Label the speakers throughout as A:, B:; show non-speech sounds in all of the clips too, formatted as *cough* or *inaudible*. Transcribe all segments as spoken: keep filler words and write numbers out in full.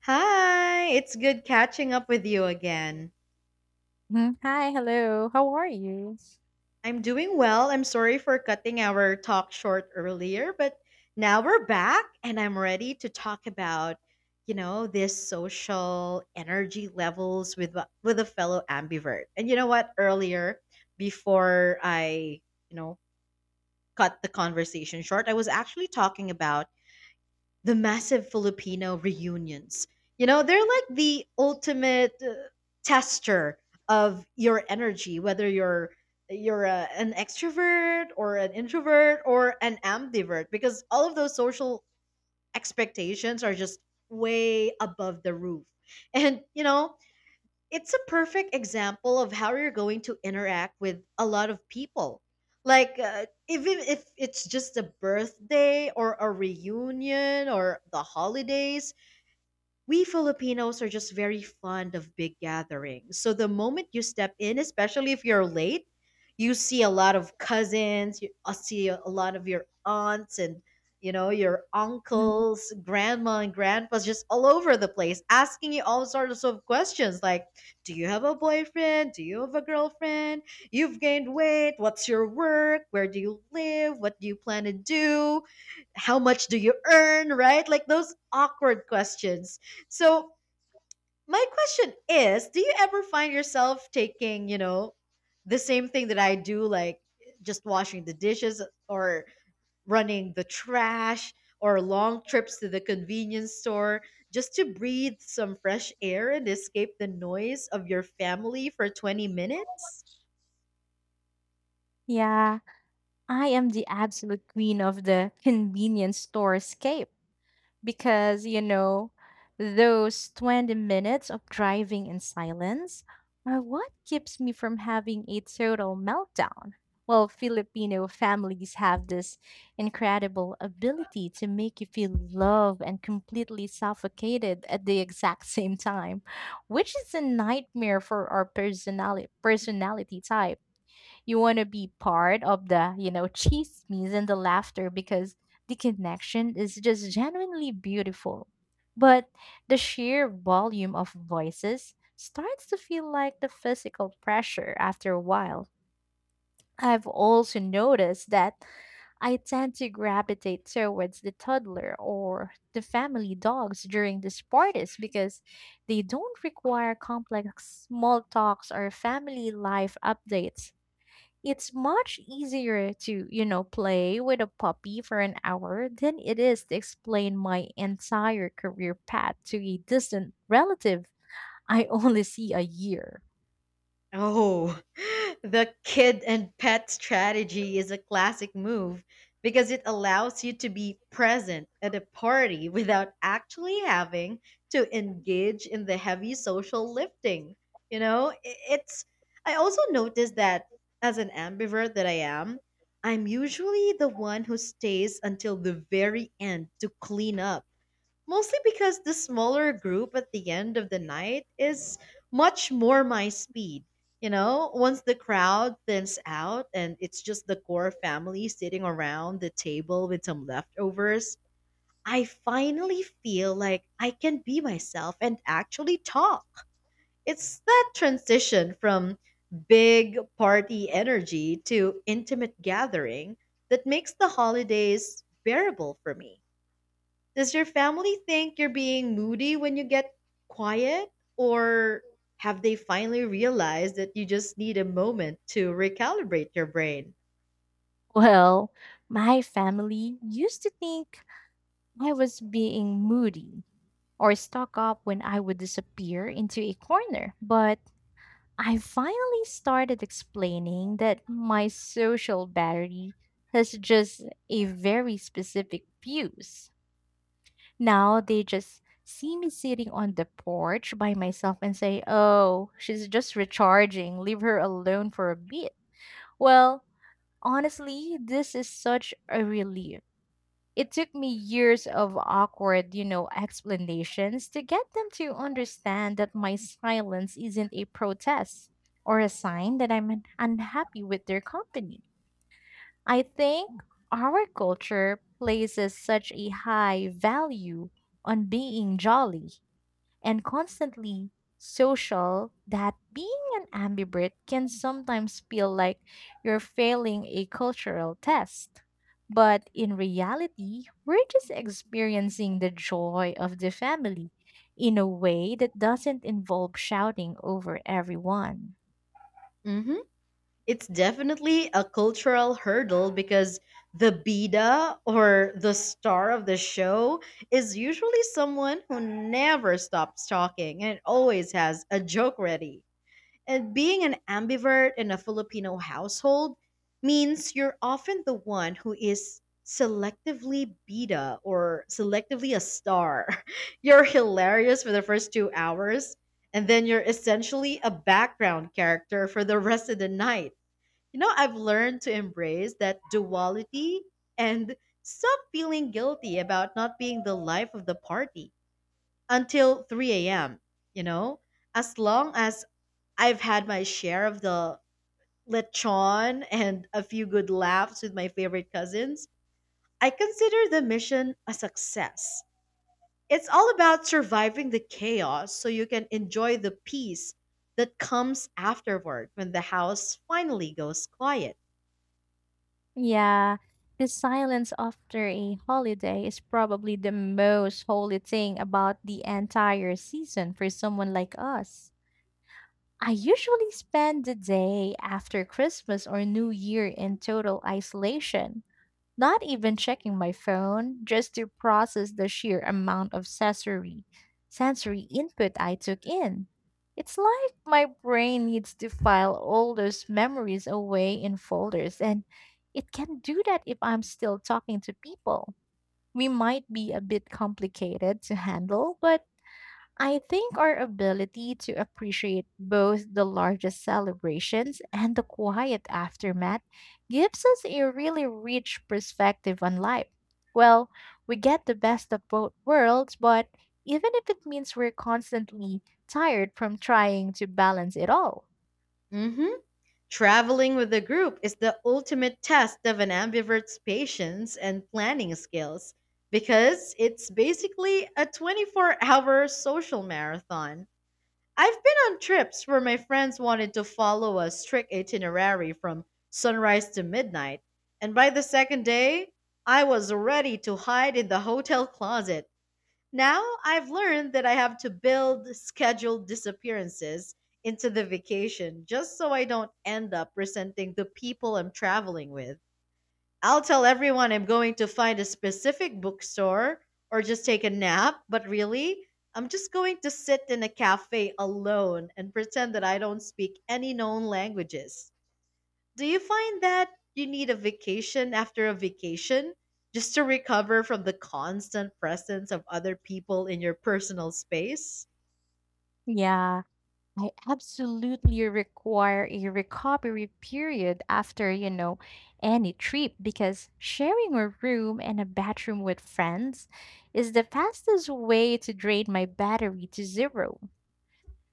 A: Hi, it's good catching up with you again.
B: Mhm. Hi, hello. How are you?
A: I'm doing well. I'm sorry for cutting our talk short earlier, but now we're back and I'm ready to talk about, you know, this social energy levels with with a fellow ambivert. And you know what? Earlier, before I, you know, cut the conversation short, I was actually talking about the massive Filipino reunions. You know, they're like the ultimate uh, tester of your energy, whether you're you're a, an extrovert or an introvert or an ambivert, because all of those social expectations are just way above the roof. And you know, it's a perfect example of how you're going to interact with a lot of people. Like, uh, even if it's just a birthday or a reunion or the holidays, we Filipinos are just very fond of big gatherings. So the moment you step in, especially if you're late, you see a lot of cousins, you uh, see a lot of your aunts and you know your
B: Mhm.
A: uncles, grandma and grandpas just all over the place asking you all sorts of questions like, do you have a boyfriend? Do you have a girlfriend? You've gained weight. What's your work? Where do you live? What do you plan to do? How much do you earn, right? Like those awkward questions. So my question is, do you ever find yourself taking, you know, the same thing that I do, like just washing the dishes or running the trash or long trips to the convenience store just to breathe some fresh air and escape the noise of your family for twenty minutes?
B: Yeah, I am the absolute queen of the convenience store because you know those twenty minutes of driving in silence are what keeps me from having a total meltdown. Well, Filipino families have this incredible ability to make you feel loved and completely suffocated at the exact *laughs* same time, which is a nightmare for our personality personality type. You want to be part of the, you know, chismes and the laughter because the connection is just genuinely beautiful. But the sheer volume of voices starts to feel like the physical pressure after a while. I've also noticed that I tend to gravitate towards the toddler or the family dogs during these parties because they don't require complex small talks or family life updates. It's much easier to, you know, play with a puppy for an hour than it is to explain my entire career path to a distant relative *laughs* I only see a year.
A: Oh, *laughs* the kid and pet strategy is a classic move because it allows you to be present at a party without actually having to engage in the heavy social lifting. You know, I- it's. I also noticed that as an ambivert that I am, I'm usually the one who stays until the very end to clean up. Mostly because the smaller group at the end of the night is much more my speed. You know, once the crowd thins out and it's just the core family sitting around the table with some leftovers, I finally feel like I can be myself and actually talk. It's that transition from big party energy to intimate gathering that makes the holidays bearable for me. Does your family think you're being moody when you get quiet? Or have they finally realized that you just need a moment to recalibrate your brain?
B: Well, my family used to think I was being moody or stuck up when I would disappear into a corner, but I finally started explaining that my social battery has just a very specific fuse. Now they just see me sitting on the porch by myself and say, "Oh, she's just recharging. Leave her alone for a bit." Well, honestly, this is such a relief. It took me years of awkward, you know, explanations to get them to understand that my silence isn't a protest or a sign that I'm un- unhappy with their company. I think our culture places such a high value on being jolly and constantly social that being an ambivert can sometimes feel like you're failing a cultural test. But in reality, we're just experiencing the joy of the family in a way that doesn't involve shouting over everyone.
A: hmm It's definitely a cultural hurdle because the bida or the star of the show is usually someone who never stops talking and always has a joke ready. And being an ambivert in a Filipino household means you're often the one who is selectively beta or selectively a star. *laughs* You're hilarious for the first two hours, and then you're essentially a background character for the rest of the night. You know, I've learned to embrace that duality and stop feeling guilty about not being the life of the party until three a m. You know, as long as I've had my share of the lechon and a few good laughs with my favorite cousins. I consider the mission a success. It's all about surviving the chaos so you can enjoy the peace that comes afterward when the house finally goes quiet.
B: Yeah, the silence after a holiday is probably the most holy thing about the entire season for someone like us. I usually spend the day after Christmas or New Year in total isolation, not even checking my phone, just to process the sheer amount of sensory sensory input I took in. It's like my brain needs to file all those memories away in folders and it can do that if I'm still talking to people. We might be a bit complicated to handle, but I think our ability to appreciate both the largest celebrations and the quiet aftermath gives us a really rich perspective on life. Well, we get the best of both worlds, but even if it means we're constantly tired from trying to balance it all.
A: hmm Traveling with a group is the ultimate test of an ambivert's patience and planning skills because it's basically a twenty-four hour social marathon. I've been on trips where my friends wanted to follow a strict itinerary from sunrise to midnight, and by the second day, I was ready to hide in the hotel closet. Now I've learned that I have to build scheduled disappearances into the vacation just so I don't end up resenting the people I'm traveling with. I'll tell everyone I'm going to find a specific bookstore or just take a nap, but really, I'm just going to sit in a cafe alone and pretend that I don't speak any known languages. Do you find that you need a vacation after a vacation just to recover from the constant presence of other people in your personal space?
B: Yeah, I absolutely require a recovery period after, you know, any trip because sharing a room and a bathroom with friends is the fastest way to drain my battery to zero.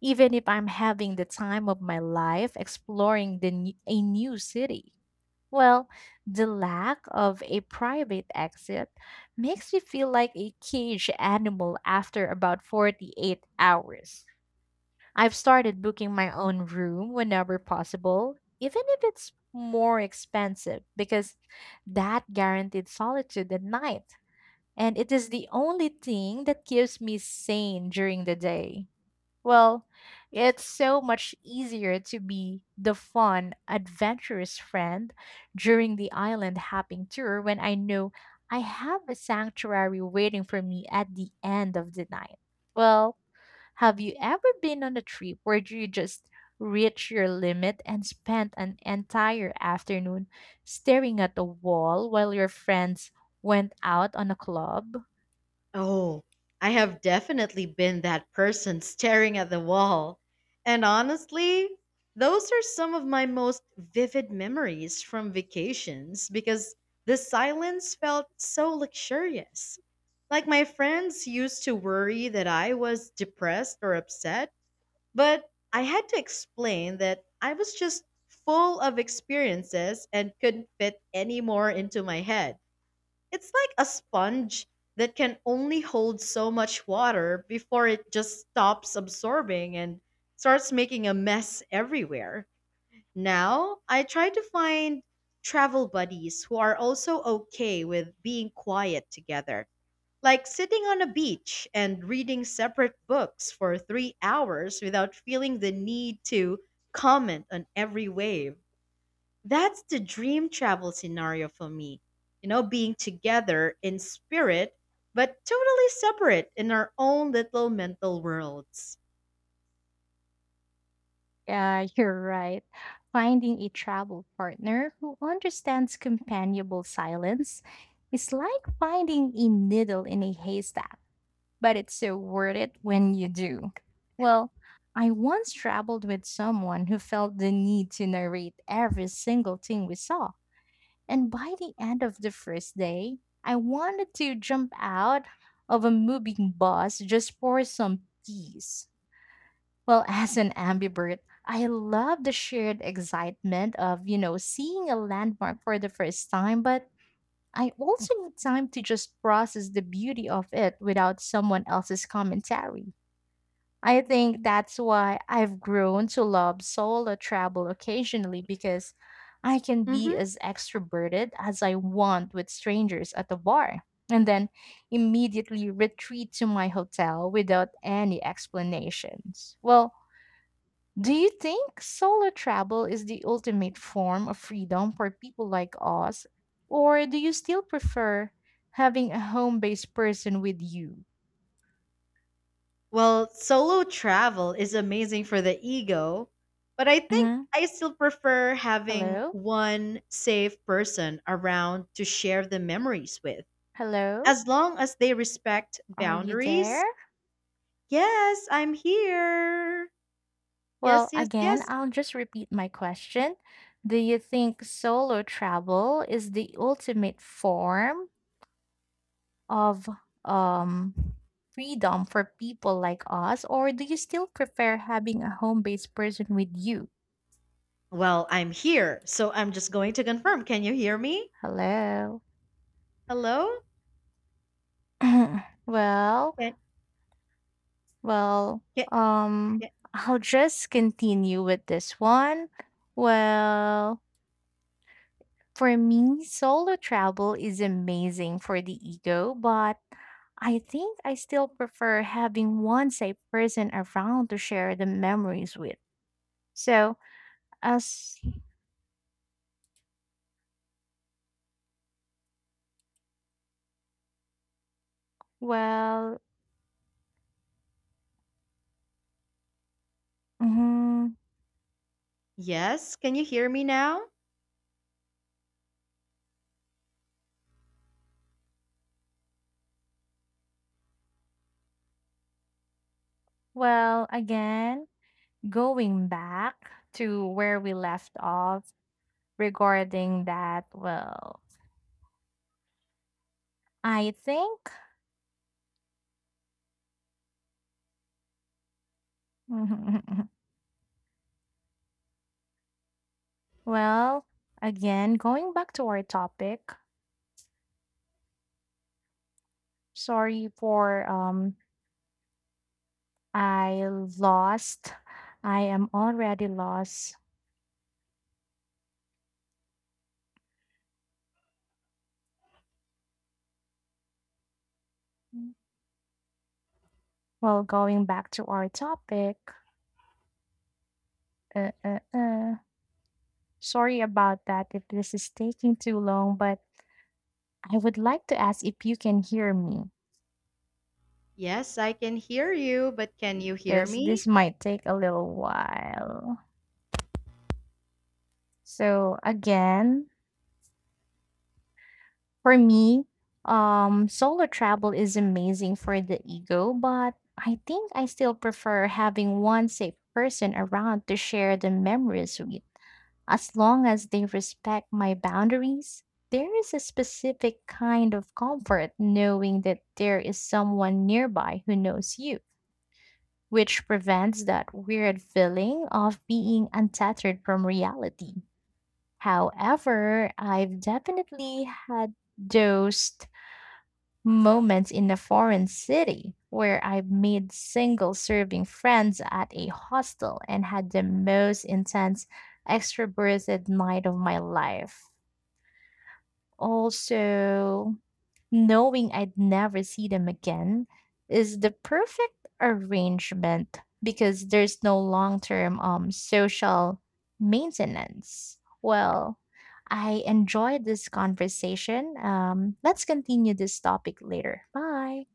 B: Even if I'm having the time of my life exploring the n- a new city. Well, the lack of a private exit makes me feel like a caged animal after about forty-eight hours. I've started booking my own room whenever possible, even if it's more expensive, because that guaranteed solitude at night. And it is the only thing that keeps me sane during the day. Well, it's so much easier to be the fun, adventurous friend during the island hopping tour when I know I have a sanctuary waiting for me at the end of the night. Well, have you ever been on a trip where you just reached your limit and spent an entire afternoon staring at the wall while your friends went out on a club?
A: Oh, I have definitely been that person staring at the wall. And honestly, those are some of my most vivid memories from vacations because the silence felt so luxurious. Like, my friends used to worry that I was depressed or upset, but I had to explain that I was just full of experiences and couldn't fit any more into my head. It's like a sponge that can only hold so much water before it just stops absorbing and starts making a mess everywhere. Now, I try to find travel buddies who are also okay with being quiet together, like sitting on a beach and reading separate books for three hours without feeling the need to comment on every wave. That's the dream travel scenario for me. You know, being together in spirit, but totally separate in our own little mental worlds.
B: Yeah, *laughs* you're right. Finding a travel partner who understands companionable silence is like finding a needle in a haystack, but it's so worth it when you do. Well, I once traveled with someone who felt the need to narrate every single thing we saw. And by the end of the first day, I wanted to jump out of a moving bus just for some peace. Well, *laughs* as an ambivert, I love the shared excitement of, you know, seeing a landmark for the first time, but I also need time to just process the beauty of it without someone else's commentary. I think that's why I've grown to love solo travel occasionally because I can be
A: hmm
B: as extroverted as I want with strangers at the bar and then immediately retreat to my hotel without any explanations. Well, do you think solo travel is the ultimate form of freedom for people like us? Or do you still prefer having a home based person with you?
A: Well, solo travel is amazing for the ego, but I think
B: Mhm.
A: I still prefer having
B: Hello?
A: one safe person around to share the memories with.
B: Hello?
A: As long as they respect
B: Are you
A: boundaries,
B: there?
A: yes, I'm here. Yes,
B: Well,
A: yes,
B: again,
A: yes.
B: I'll just repeat my question. Do you think solo travel is the ultimate form of um, freedom for people like us, or do you still prefer having a home based person with you?
A: Well, I'm here, so I'm just going to confirm. Can you hear me?
B: Hello.
A: Hello?
B: *clears throat* Well,
A: Can,
B: well,
A: can,
B: um,
A: can,
B: *laughs* I'll just continue with this one. Well, for me, solo travel is amazing for the ego, but I think I still prefer having one safe person around to share the memories with. So, as well, mhm,
A: yes, can you hear me now?
B: well, again, going back to where we left off regarding that, well, I think, *laughs* well, again, going back to our topic, sorry for, um, I lost, I am already lost. Well, going back to our topic, uh, uh, uh, sorry about that if this is taking too long, but I would like to ask if you can hear me
A: Yes, I can hear you, but can you hear
B: because this
A: me?
B: might take a little while. So, again, for me, um, solo travel is amazing for the ego, but I think I still prefer having one safe person around to share the memories with. As long as they respect my boundaries, there is a specific kind of comfort knowing that there is someone nearby who knows you, which prevents that weird feeling of being untethered from reality. However, I've definitely had those moments in a foreign city where I've made single serving friends at a hostel and had the most intense extroverted night of my life. Also, knowing I'd never see them again is the perfect arrangement because there's no long-term um social maintenance. Well, I enjoyed this conversation. Um, let's continue this topic later. Bye.